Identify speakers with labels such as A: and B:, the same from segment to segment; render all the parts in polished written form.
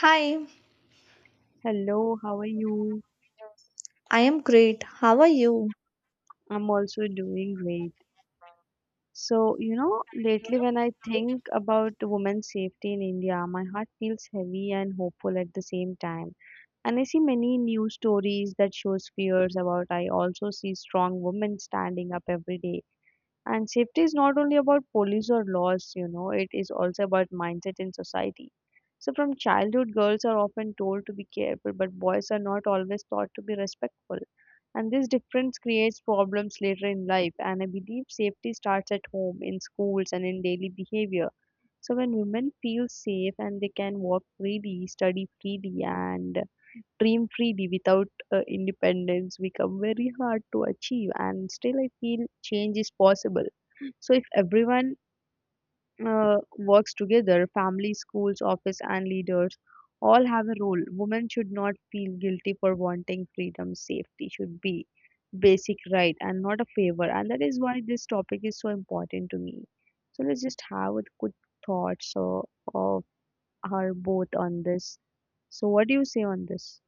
A: Hi,
B: Hello, how are you?
A: I am great. How are you?
B: I'm also doing great. So, you know, lately when I think about women's safety in India, my heart feels heavy and hopeful at the same time. And I see many news stories that shows fears about. I also see strong women standing up every day. And safety is not only about police or laws, you know, it is also about mindset in society. So from childhood, girls are often told to be careful, but boys are not always taught to be respectful. And this difference creates problems later in life. And I believe safety starts at home, in schools, and in daily behavior. So when women feel safe and they can walk freely, study freely, and dream freely without independence become very hard to achieve. And still I feel change is possible. So if everyone works together, family, schools, office, and leaders all have a role. Women should not feel guilty for wanting freedom. Safety should be basic right and not a favor. And that is why this topic is so important to me. So let's just have a good thoughts of our both on this. So what do you say on this?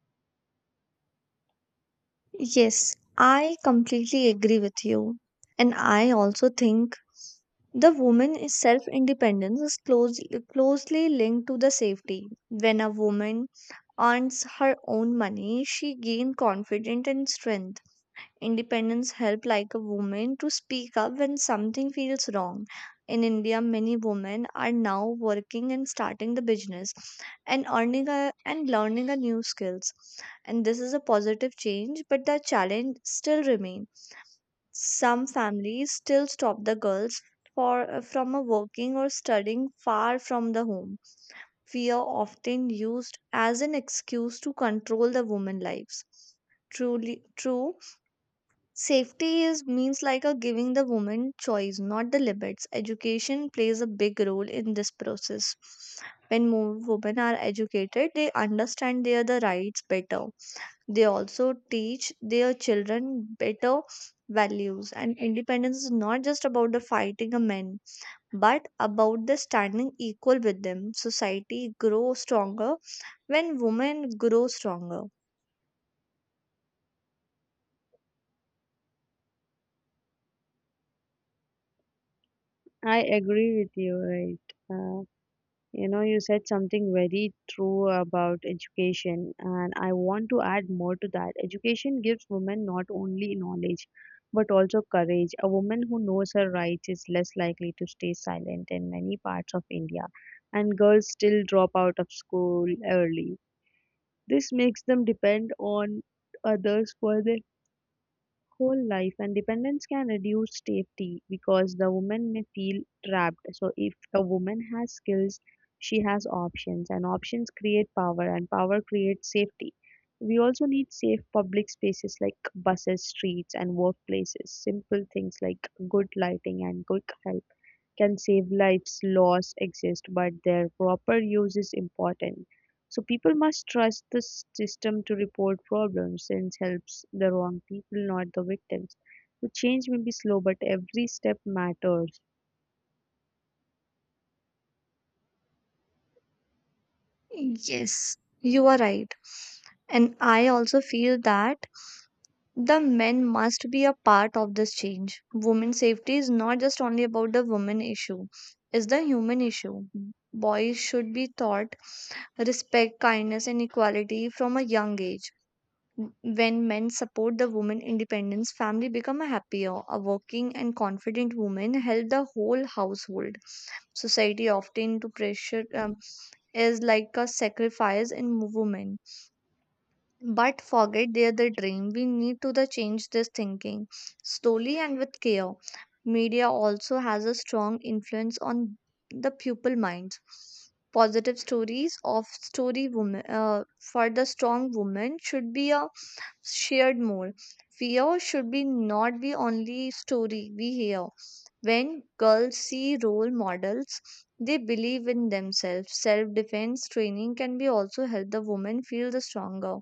A: Yes, I completely agree with you. And I also think the woman's self-independence is closely linked to the safety. When a woman earns her own money, she gains confidence and strength. Independence help like a woman to speak up when something feels wrong. In India, many women are now working and starting the business and and learning a new skills. And this is a positive change, but the challenge still remain. Some families still stop the girls for from a working or studying far from the home. Fear often used as an excuse to control the women lives. Truly, true Safety is means like a giving the woman choice, not the limits. Education plays a big role in this process. When more women are educated, they understand their the rights better. They also teach their children better values. And independence is not just about the fighting a man, but about the standing equal with them. Society grows stronger when women grow stronger.
B: I agree with you, right? You know, you said something very true about education, and I want to add more to that. Education gives women not only knowledge but also courage. A woman who knows her rights is less likely to stay silent in many parts of India, and girls still drop out of school early. This makes them depend on others for their whole life. And dependence can reduce safety because the woman may feel trapped. So if a woman has skills, she has options, and options create power, and power creates safety. We also need safe public spaces like buses, streets, and workplaces. Simple things like good lighting and good health can save lives. Laws exist, but their proper use is important. So people must trust the system to report problems, since helps the wrong people, not the victims. The change may be slow, but every step matters.
A: Yes, you are right. And I also feel that the men must be a part of this change. Women's safety is not just only about the women issue, it's the human issue. Boys should be taught respect, kindness, and equality from a young age. When men support the woman independence, family become a happier, a working and confident woman help the whole household. Society often to pressure is like a sacrifice in women, but forget their the dream. We need to the change this thinking slowly and with care. Media also has a strong influence on the pupil minds. Positive stories of story women, for the strong woman, should be a shared more. Fear should be not be only story we hear. When girls see role models, they believe in themselves. Self defense training can be also help the woman feel the stronger,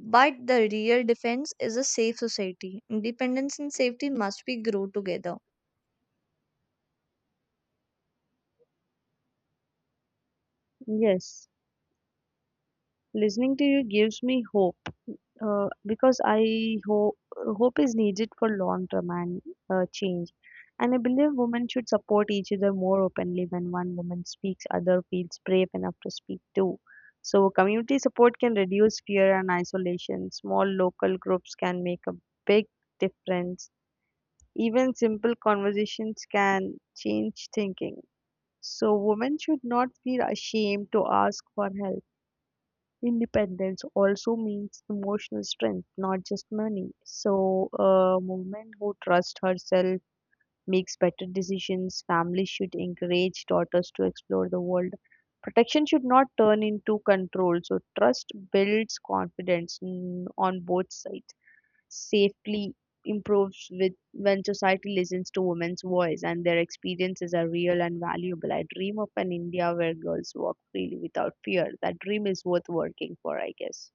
A: but the real defense is a safe society. Independence and safety must be grow together.
B: Yes. Listening to you gives me hope because I hope is needed for long term and change. And I believe women should support each other more openly. When one woman speaks, other feels brave enough to speak too. So community support can reduce fear and isolation. Small local groups can make a big difference. Even simple conversations can change thinking. So women should not feel ashamed to ask for help. Independence also means emotional strength, not just money. So a woman who trusts herself makes better decisions. Families should encourage daughters to explore the world. Protection should not turn into control. So trust builds confidence on both sides. Safely improves with when society listens to women's voice, and their experiences are real and valuable. I dream of an India where girls walk freely without fear. That dream is worth working for, I guess.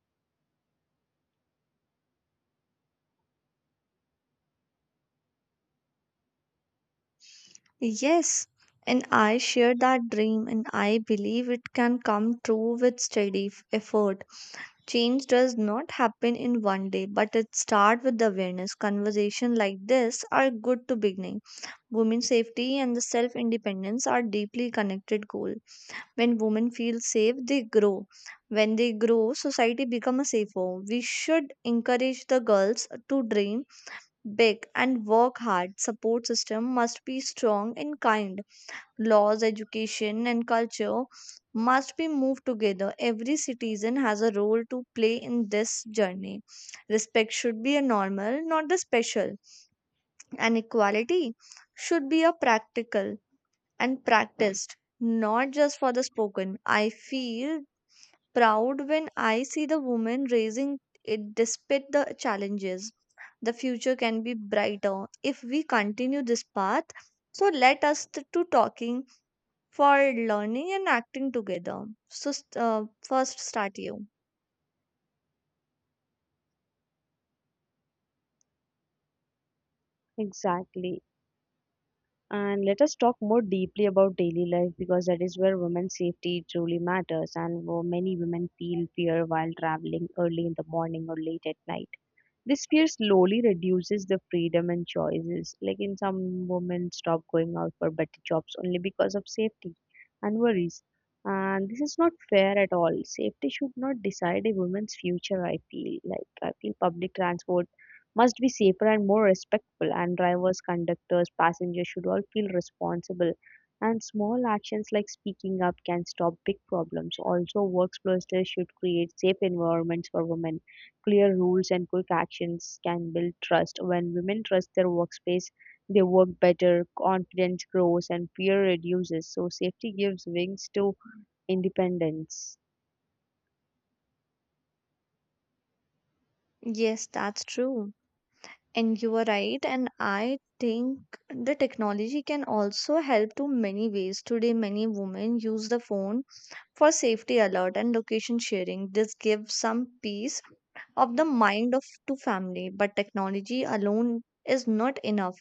A: Yes, and I share that dream and I believe it can come true with steady effort. Change does not happen in one day, but it starts with awareness. Conversation like this are good to beginning. Women's safety and the self-independence are deeply connected goal. When women feel safe, they grow. When they grow, society becomes safer. We should encourage the girls to dream big and work hard. Support system must be strong and kind. Laws, education, and culture must be moved together. Every citizen has a role to play in this journey. Respect should be a normal, not the special. And equality should be a practical and practiced, not just for the spoken. I feel proud when I see the woman raising it despite the challenges. The future can be brighter if we continue this path. So let us to talking for learning and acting together. So first start you.
B: Exactly. And let us talk more deeply about daily life, because that is where women's safety truly matters, and where many women feel fear while traveling early in the morning or late at night. This fear slowly reduces the freedom and choices. Like in some women stop going out for better jobs only because of safety and worries. And this is not fair at all. Safety should not decide a woman's future, I feel. Like I feel public transport must be safer and more respectful, and drivers, conductors, passengers should all feel responsible. And small actions like speaking up can stop big problems. Also, workplaces should create safe environments for women. Clear rules and quick actions can build trust. When women trust their workspace, they work better, confidence grows, and fear reduces. So safety gives wings to independence.
A: Yes, that's true. And you are right. And I think the technology can also help to many ways. Today, many women use the phone for safety alert and location sharing. This gives some peace of the mind of to family, but technology alone is not enough.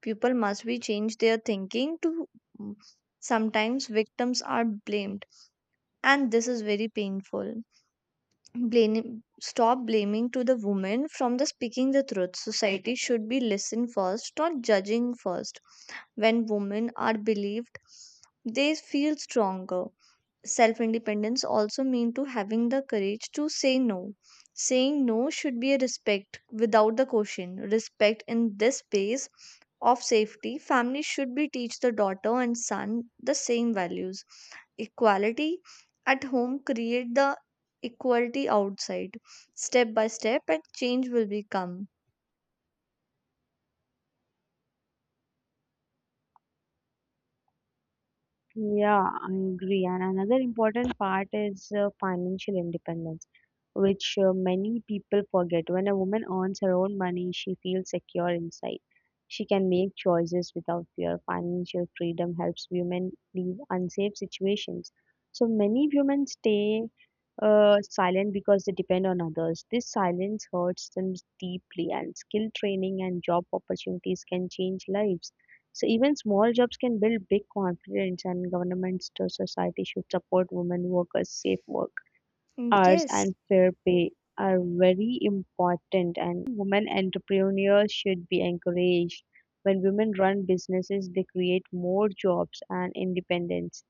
A: People must be changed their thinking to mm, sometimes victims are blamed, and this is very painful. Blaming, stop blaming to the woman from the speaking the truth. Society should be listen first, not judging first. When women are believed, they feel stronger. Self independence also mean to having the courage to say no. Saying no should be a respect without the question, respect in this space of safety. Family should be teach the daughter and son the same values. Equality at home create the equality outside. Step by step and change will become.
B: Yeah, I agree. And another important part is financial independence, which many people forget. When a woman earns her own money, she feels secure inside. She can make choices without fear. Financial freedom helps women leave unsafe situations. So many women stay silent because they depend on others. This silence hurts them deeply, and skill training and job opportunities can change lives. So even small jobs can build big confidence, and governments to society should support women workers. Safe work
A: Mm,
B: hours
A: yes,
B: and fair pay are very important, and women entrepreneurs should be encouraged. When women run businesses, they create more jobs, and independence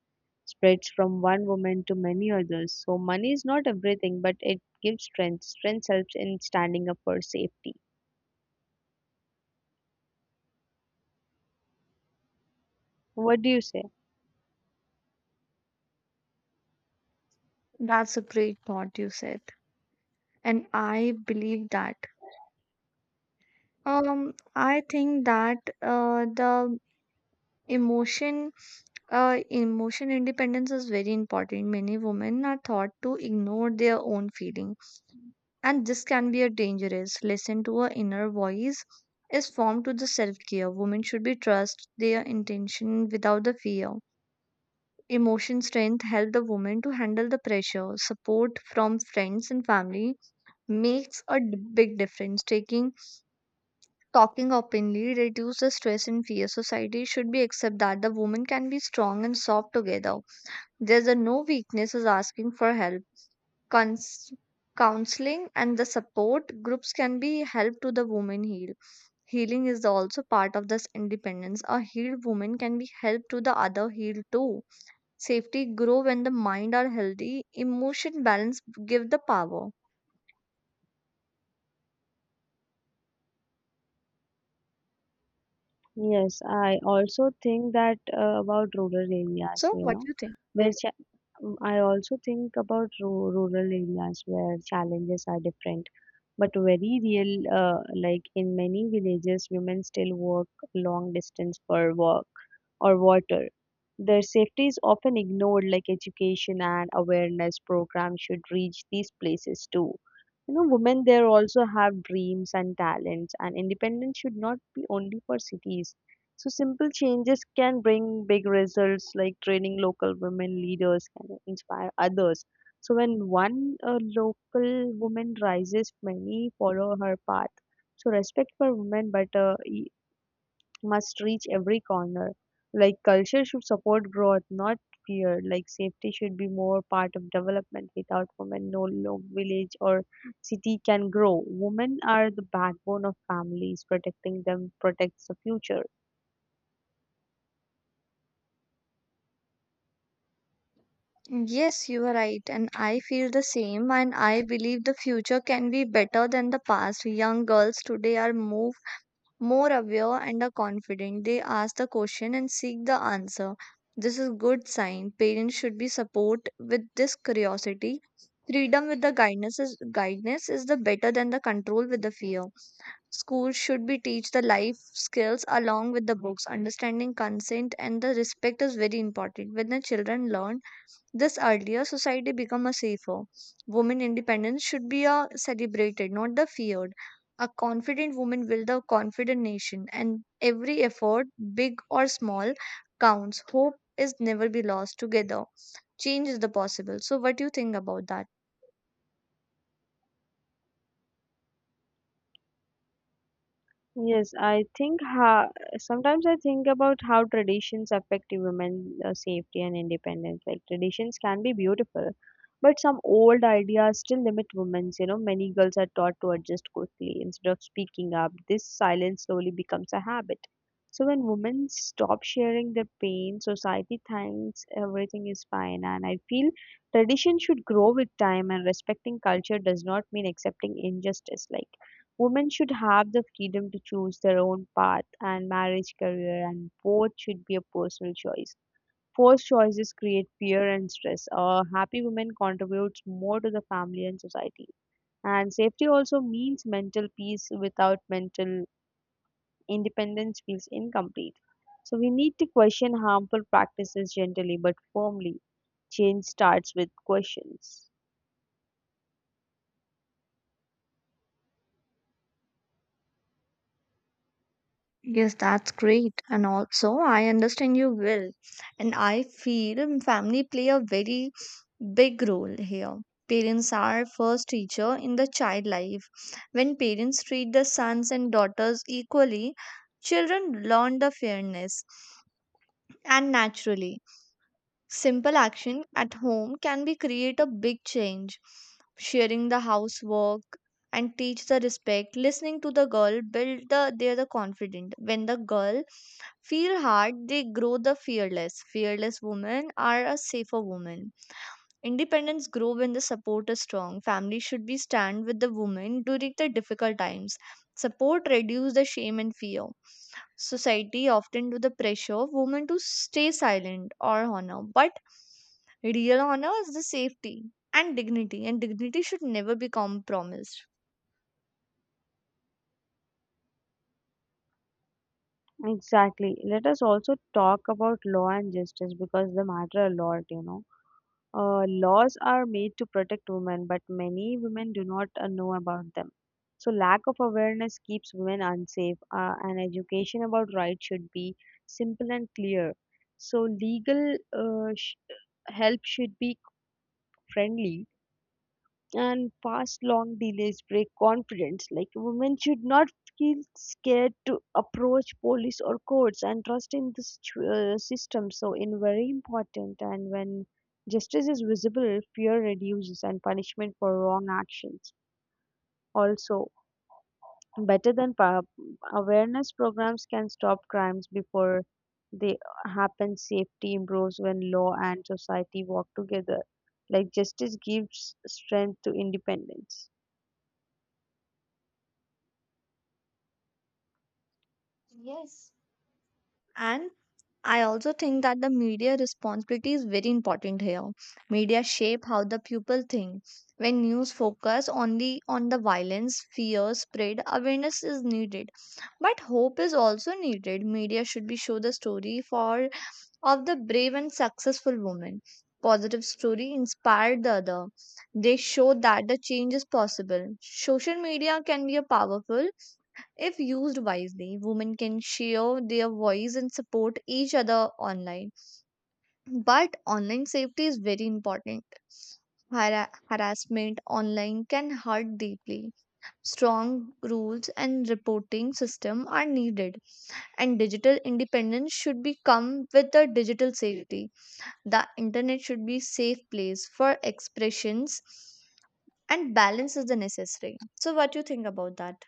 B: spreads from one woman to many others. So money is not everything, but it gives strength. Strength helps in standing up for safety. What do you say?
A: that's a great thought you said. And I believe that I think that the Emotion, emotion independence is very important. Many women are taught to ignore their own feelings, and this can be a dangerous. Listen to her inner voice is formed to the self-care. Women should be trust their intention without the fear. Emotion strength help the woman to handle the pressure. Support from friends and family makes a big difference. Taking Talking openly reduces stress and fear. Society should be accept that the woman can be strong and soft together. There's a no weakness is asking for help. Cons- Counseling and the support groups can be help to the woman heal. Healing is also part of this independence. A healed woman can be help to the other heal too. Safety grow when the mind are healthy. Emotion balance give the power.
B: Yes, I also think that about rural areas,
A: So
B: you
A: what
B: know,
A: do you think?
B: where cha I also think about ru rural areas where challenges are different, but very real. Like in many villages, women still walk long distance for work or water. Their safety is often ignored. Like education and awareness programs should reach these places too. You know, women there also have dreams and talents, and independence should not be only for cities. So simple changes can bring big results, like training local women leaders can inspire others. So when one local woman rises, many follow her path. So respect for women, but must reach every corner. Like culture should support growth, not fear. Like safety should be more part of development. Without women, no village or city can grow. Women are the backbone of families. Protecting them protects the future.
A: Yes, you are right, and I feel the same. And I believe the future can be better than the past. Young girls today are move more aware and are confident. They ask the question and seek the answer. This is good sign. Parents should be support with this curiosity. Freedom with the guidance is the better than the control with the fear. Schools should be teach the life skills along with the books. Understanding consent and the respect is very important. When the children learn this earlier, society become a safer. Women independence should be a celebrated, not the feared. A confident woman will the confident nation, and every effort, big or small, counts. Hope is never be lost. Together, change is the possible. So, what do you think about that?
B: Yes, I think sometimes I think about how traditions affect women's safety and independence. Like traditions can be beautiful, but some old ideas still limit women's. You know, many girls are taught to adjust quickly instead of speaking up. This silence slowly becomes a habit. So when women stop sharing their pain, society thinks everything is fine. And I feel tradition should grow with time, and respecting culture does not mean accepting injustice. Like women should have the freedom to choose their own path, and marriage career and both should be a personal choice. Forced choices create fear and stress. A happy woman contributes more to the family and society. And safety also means mental peace. Without mental independence feels incomplete. So we need to question harmful practices gently but firmly. Change starts with questions.
A: Yes, that's great. And also, I understand you will, and I feel family play a very big role here. Parents are first teacher in the child life. When parents treat the sons and daughters equally, children learn the fairness and naturally. Simple action at home can be create a big change. Sharing the housework and teach the respect, listening to the girl build the their the confident. When the girl feel hard, they grow the fearless. Fearless women are a safer woman. Independence grow when the support is strong. Family should be stand with the woman during the difficult times. Support reduce the shame and fear. Society often do the pressure of women to stay silent or honor, but real honor is the safety and dignity should never be compromised.
B: Exactly. Let us also talk about law and justice, because they matter a lot, you know. Laws are made to protect women, but many women do not know about them. So lack of awareness keeps women unsafe, and education about rights should be simple and clear. So legal help should be friendly, and past long delays break confidence. Like women should not feel scared to approach police or courts, and trust in the system. So in very important, and when justice is visible, fear reduces, and punishment for wrong actions. Also, better than awareness programs can stop crimes before they happen. Safety improves when law and society work together. Like justice gives strength to independence.
A: Yes, and I also think that the media responsibility is very important here. Media shape how the people think. When news focus on the violence, fear spread, awareness is needed. But hope is also needed. Media should be show the story for of the brave and successful woman. Positive story inspired the other. They show that the change is possible. Social media can be a powerful if used wisely. Women can share their voice and support each other online. But online safety is very important. Harassment online can hurt deeply. Strong rules and reporting system are needed, and digital independence should be come with the digital safety. The internet should be safe place for expressions, and balance is the necessary. So, what do you think about that?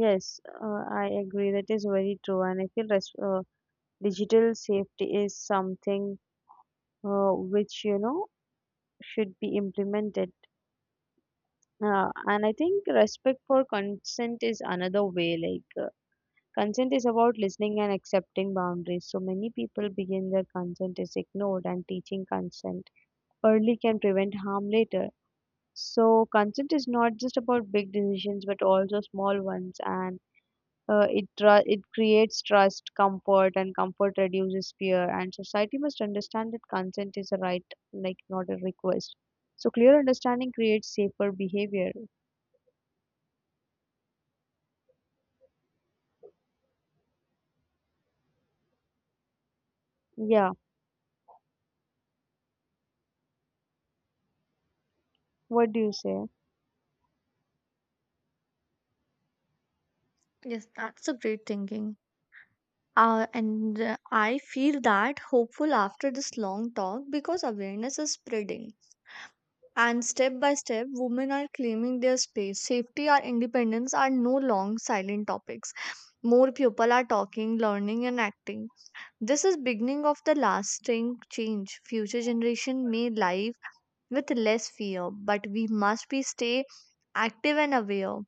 B: Yes, I agree. That is very true, and I feel res digital safety is something which you know should be implemented. And I think respect for consent is another way. Like consent is about listening and accepting boundaries. So many people begin their consent is ignored, and teaching consent early can prevent harm later. So consent is not just about big decisions, but also small ones, and it creates trust, comfort, and comfort reduces fear. And society must understand that consent is a right, like not a request. So clear understanding creates safer behavior. Yeah. What do you say?
A: Yes, that's a great thinking. And I feel that hopeful after this long talk because awareness is spreading. And step by step, women are claiming their space. Safety or independence are no long silent topics. More people are talking, learning, and acting. This is beginning of the lasting change. Future generation may live with less fear, but we must be stay active and aware.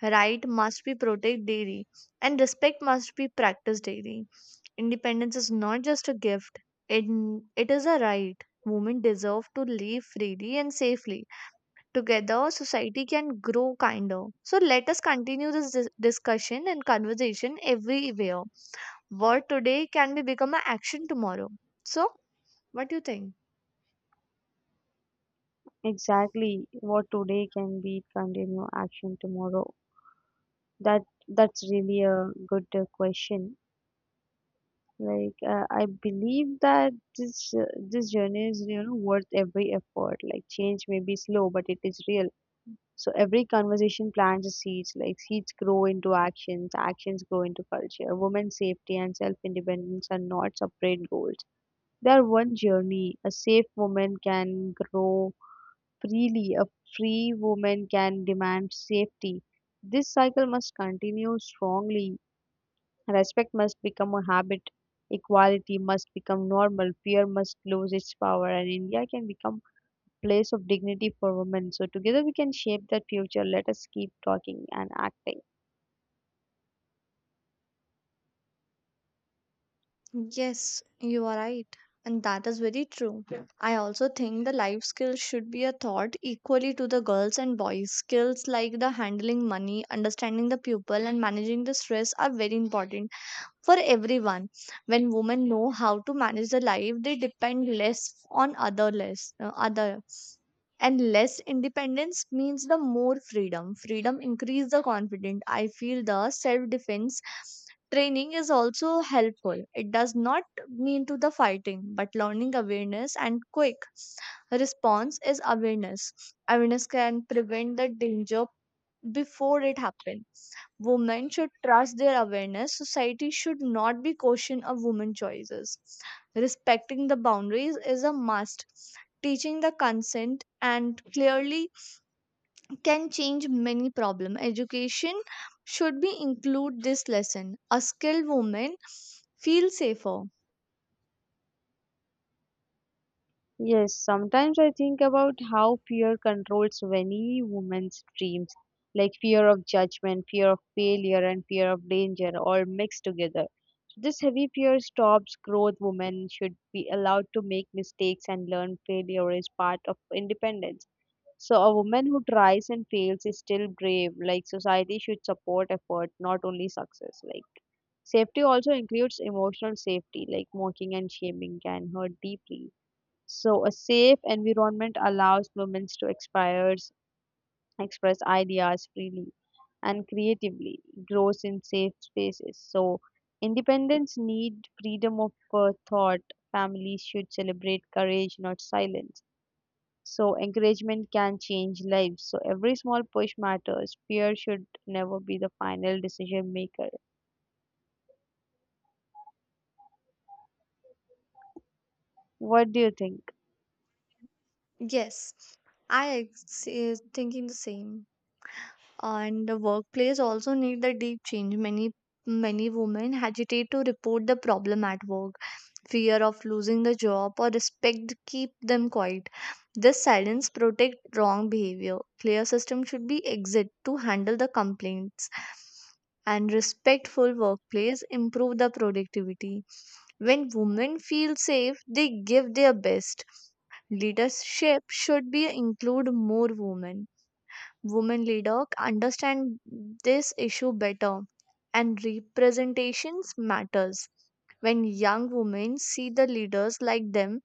A: Right must be protect daily, and respect must be practiced daily. Independence is not just a gift, it, it is a right. Women deserve to live freely and safely. Together, society can grow kinder. So, let us continue this discussion and conversation everywhere. Word today can be become an action tomorrow. So, what do you think?
B: Exactly. What today can be continue action tomorrow. That that's really a good question. Like I believe that this journey is you know worth every effort. Like change may be slow, but it is real. So every conversation plants the seeds. Like seeds grow into actions, actions grow into culture. Women's safety and self independence are not separate goals. They are one journey. A safe woman can grow freely, a free woman can demand safety. This cycle must continue strongly. Respect must become a habit, equality must become normal, fear must lose its power, and India can become place of dignity for women. So together we can shape that future. Let us keep talking and acting.
A: Yes, you are right. And that is very true. Yeah. I also think the life skills should be a thought equally to the girls and boys. Skills like the handling money, understanding the pupil, and managing the stress are very important for everyone. When women know how to manage their life, they depend less on other and less independence means the more freedom. Freedom increase the confidence. I feel the self defense training is also helpful. It does not mean to the fighting, but learning awareness and quick response is awareness. Awareness can prevent the danger before it happens. Women should trust their awareness. Society should not be caution of women's choices. Respecting the boundaries is a must. Teaching the consent and clearly can change many problem. Education should be include this lesson. A skilled woman feel safer.
B: Yes, sometimes I think about how fear controls many women's dreams, like fear of judgment, fear of failure, and fear of danger, all mixed together. This heavy fear stops growth. Women should be allowed to make mistakes and learn failure is part of independence. So a woman who tries and fails is still brave. Like, society should support effort, not only success. Like, safety also includes emotional safety. Like mocking and shaming can hurt deeply. So a safe environment allows express ideas freely and creatively, grows in safe spaces. So independence need freedom of thought. Families should celebrate courage, not silence. So encouragement can change lives. So every small push matters. Fear should never be the final decision maker. What do you think?
A: Yes, is thinking the same. And the workplace also need the deep change. Many women hesitate to report the problem at work. Fear of losing the job or respect keep them quiet. This silence protect wrong behavior. Clear system should be exit to handle the complaints, and respectful workplace improve the productivity. When women feel safe, they give their best. Leadership should be include more women leader understand this issue better, and representations matters. When young women see the leaders like them,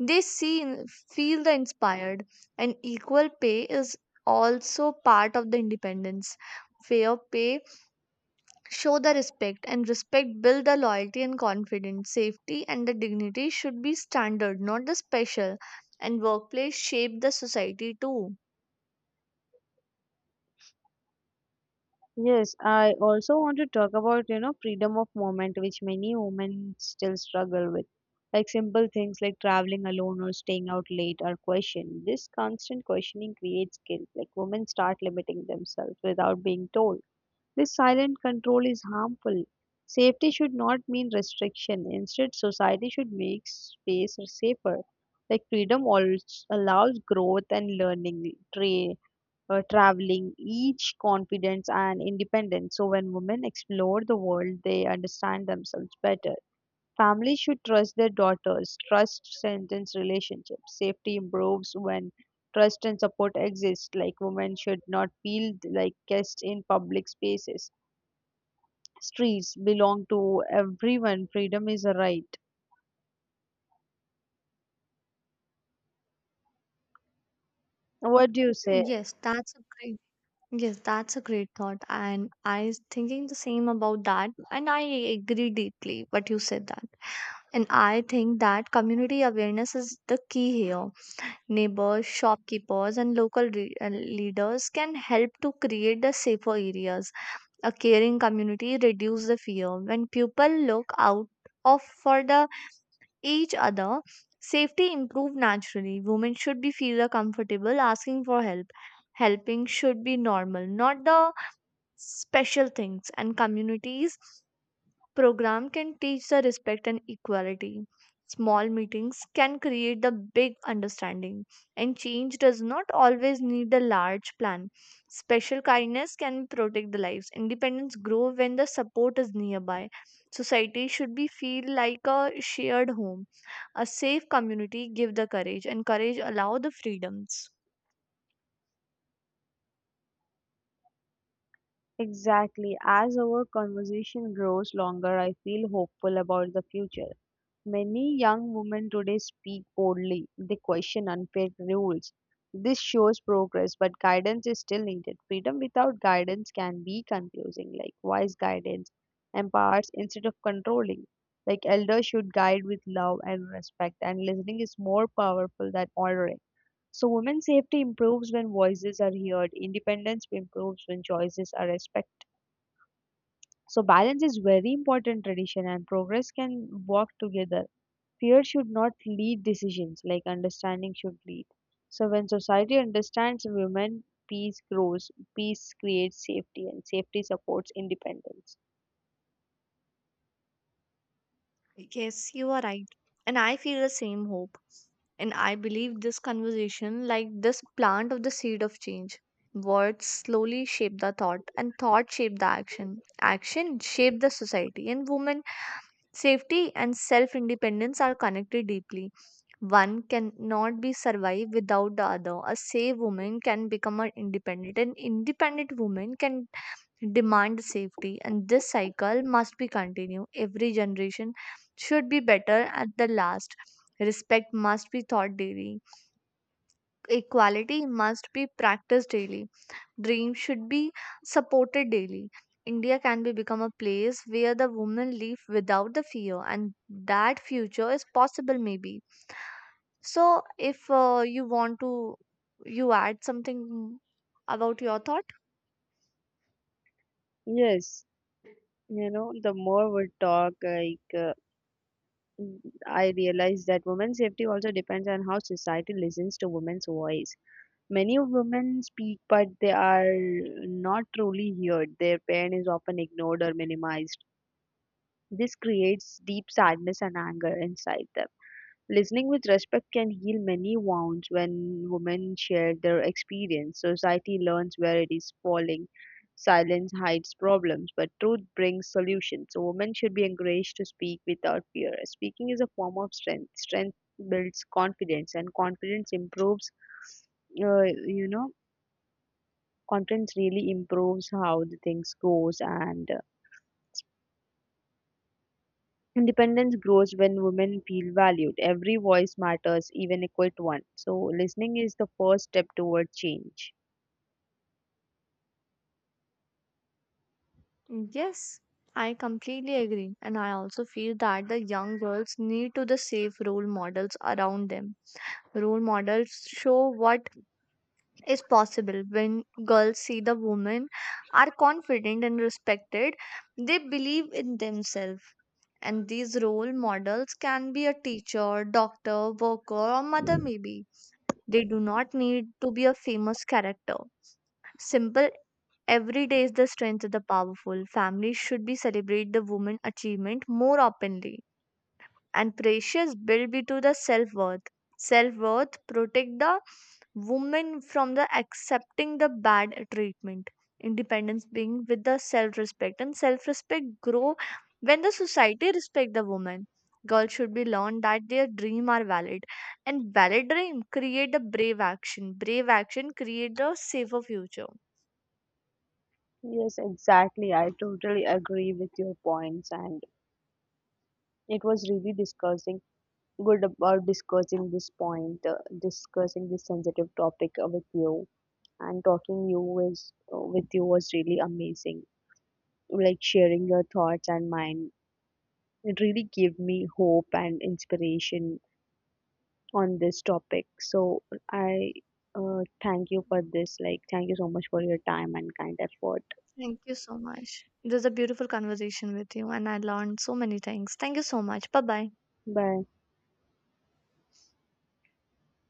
A: they see feel the inspired. And equal pay is also part of the independence. Fair pay show the respect, and respect build the loyalty and confidence. Safety and the dignity should be standard, not the special, and workplace shape the society too.
B: Yes, I also want to talk about, you know, freedom of movement, which many women still struggle with. Like simple things like traveling alone or staying out late are questioned. This constant questioning creates guilt. Like women start limiting themselves without being told. This silent control is harmful. Safety should not mean restriction. Instead, society should make space safer. Like freedom also allows growth and learning. Traveling, each confidence and independence. So when women explore the world, they understand themselves better. Families should trust their daughters. Trust strengthens relationships. Safety improves when trust and support exist. Like women should not feel like guests in public spaces. Streets belong to everyone. Freedom is a right. What do you say?
A: yes that's a great Yes, that's a great thought. And I was thinking the same about that. And I agree deeply what you said that. And I think that community awareness is the key here. Neighbors, shopkeepers, and local leaders can help to create the safer areas. A caring community reduces the fear. When people look out of for the each other, safety improve naturally. Women should be feel comfortable asking for help. Helping should be normal, not the special things. And communities program can teach the respect and equality. Small meetings can create the big understanding, and change does not always need a large plan. Special kindness can protect the lives. Independence grow when the support is nearby. Society should be feel like a shared home. A safe community give the courage, and courage allow the freedoms.
B: Exactly. As our conversation grows longer, I feel hopeful about the future. Many young women today speak boldly. They question unfair rules. This shows progress, but guidance is still needed. Freedom without guidance can be confusing. Like wise guidance empowers instead of controlling. Like elders should guide with love and respect, and listening is more powerful than ordering. So women's safety improves when voices are heard. Independence improves when choices are respected. So balance is very important. Tradition and progress can work together. Fear should not lead decisions, like understanding should lead. So when society understands women, peace grows, peace creates safety, and safety supports independence.
A: Yes, you are right. And I feel the same hope. And I believe this conversation, like this plant of the seed of change, words slowly shape the thought, and thought shape the action. Action shape the society, and women safety and self independence are connected deeply. One cannot be survive without the other. A safe woman can become an independent, and independent woman can demand safety, and this cycle must be continued. Every generation should be better at the last. Respect must be taught daily, equality must be practiced daily, dreams should be supported daily. India can be become a place where the women live without the fear, and that future is possible maybe. So if you want to you add something about your thought.
B: Yes, you know, the more we talk, like mm, I realize that women's safety also depends on how society listens to women's voice. Many of women speak, but they are not truly heard. Their pain is often ignored or minimized. This creates deep sadness and anger inside them. Listening with respect can heal many wounds. When women share their experience, society learns where it is falling. Silence hides problems, but truth brings solutions. So women should be encouraged to speak without fear. Speaking is a form of strength. Strength builds confidence, and uh, you know, confidence really improves how the things goes, and independence grows when women feel valued. Every voice matters, even a quiet one. So listening is the first step toward change.
A: Mm, yes, I completely agree. And I also feel that the young girls need to the safe role models around them. Role models show what is possible. When girls see the women are confident and respected, they believe in themselves. And these role models can be a teacher, doctor, worker, or mother maybe. They do not need to be a famous character. Simple. Every day is the strength of the powerful. Families should be celebrate the woman achievement more openly. And precious build be to the self worth. Self worth protect the woman from the accepting the bad treatment. Independence being with the self respect, and self respect grow when the society respect the woman. Girls should be learned that their dream are valid, and valid dream create a brave action. Brave action create a safer future.
B: Yes, exactly. I totally agree with your points, and it was really discussing good about discussing this point, discussing this sensitive topic with you, and talking you was with you was really amazing. Like sharing your thoughts and mine, it really gave me hope and inspiration on this topic. So I thank you for this. Like, thank you so much for your time and kind effort.
A: Thank you so much. It was a beautiful conversation with you, and I learned so many things. Thank you so much. Bye bye.
B: Bye.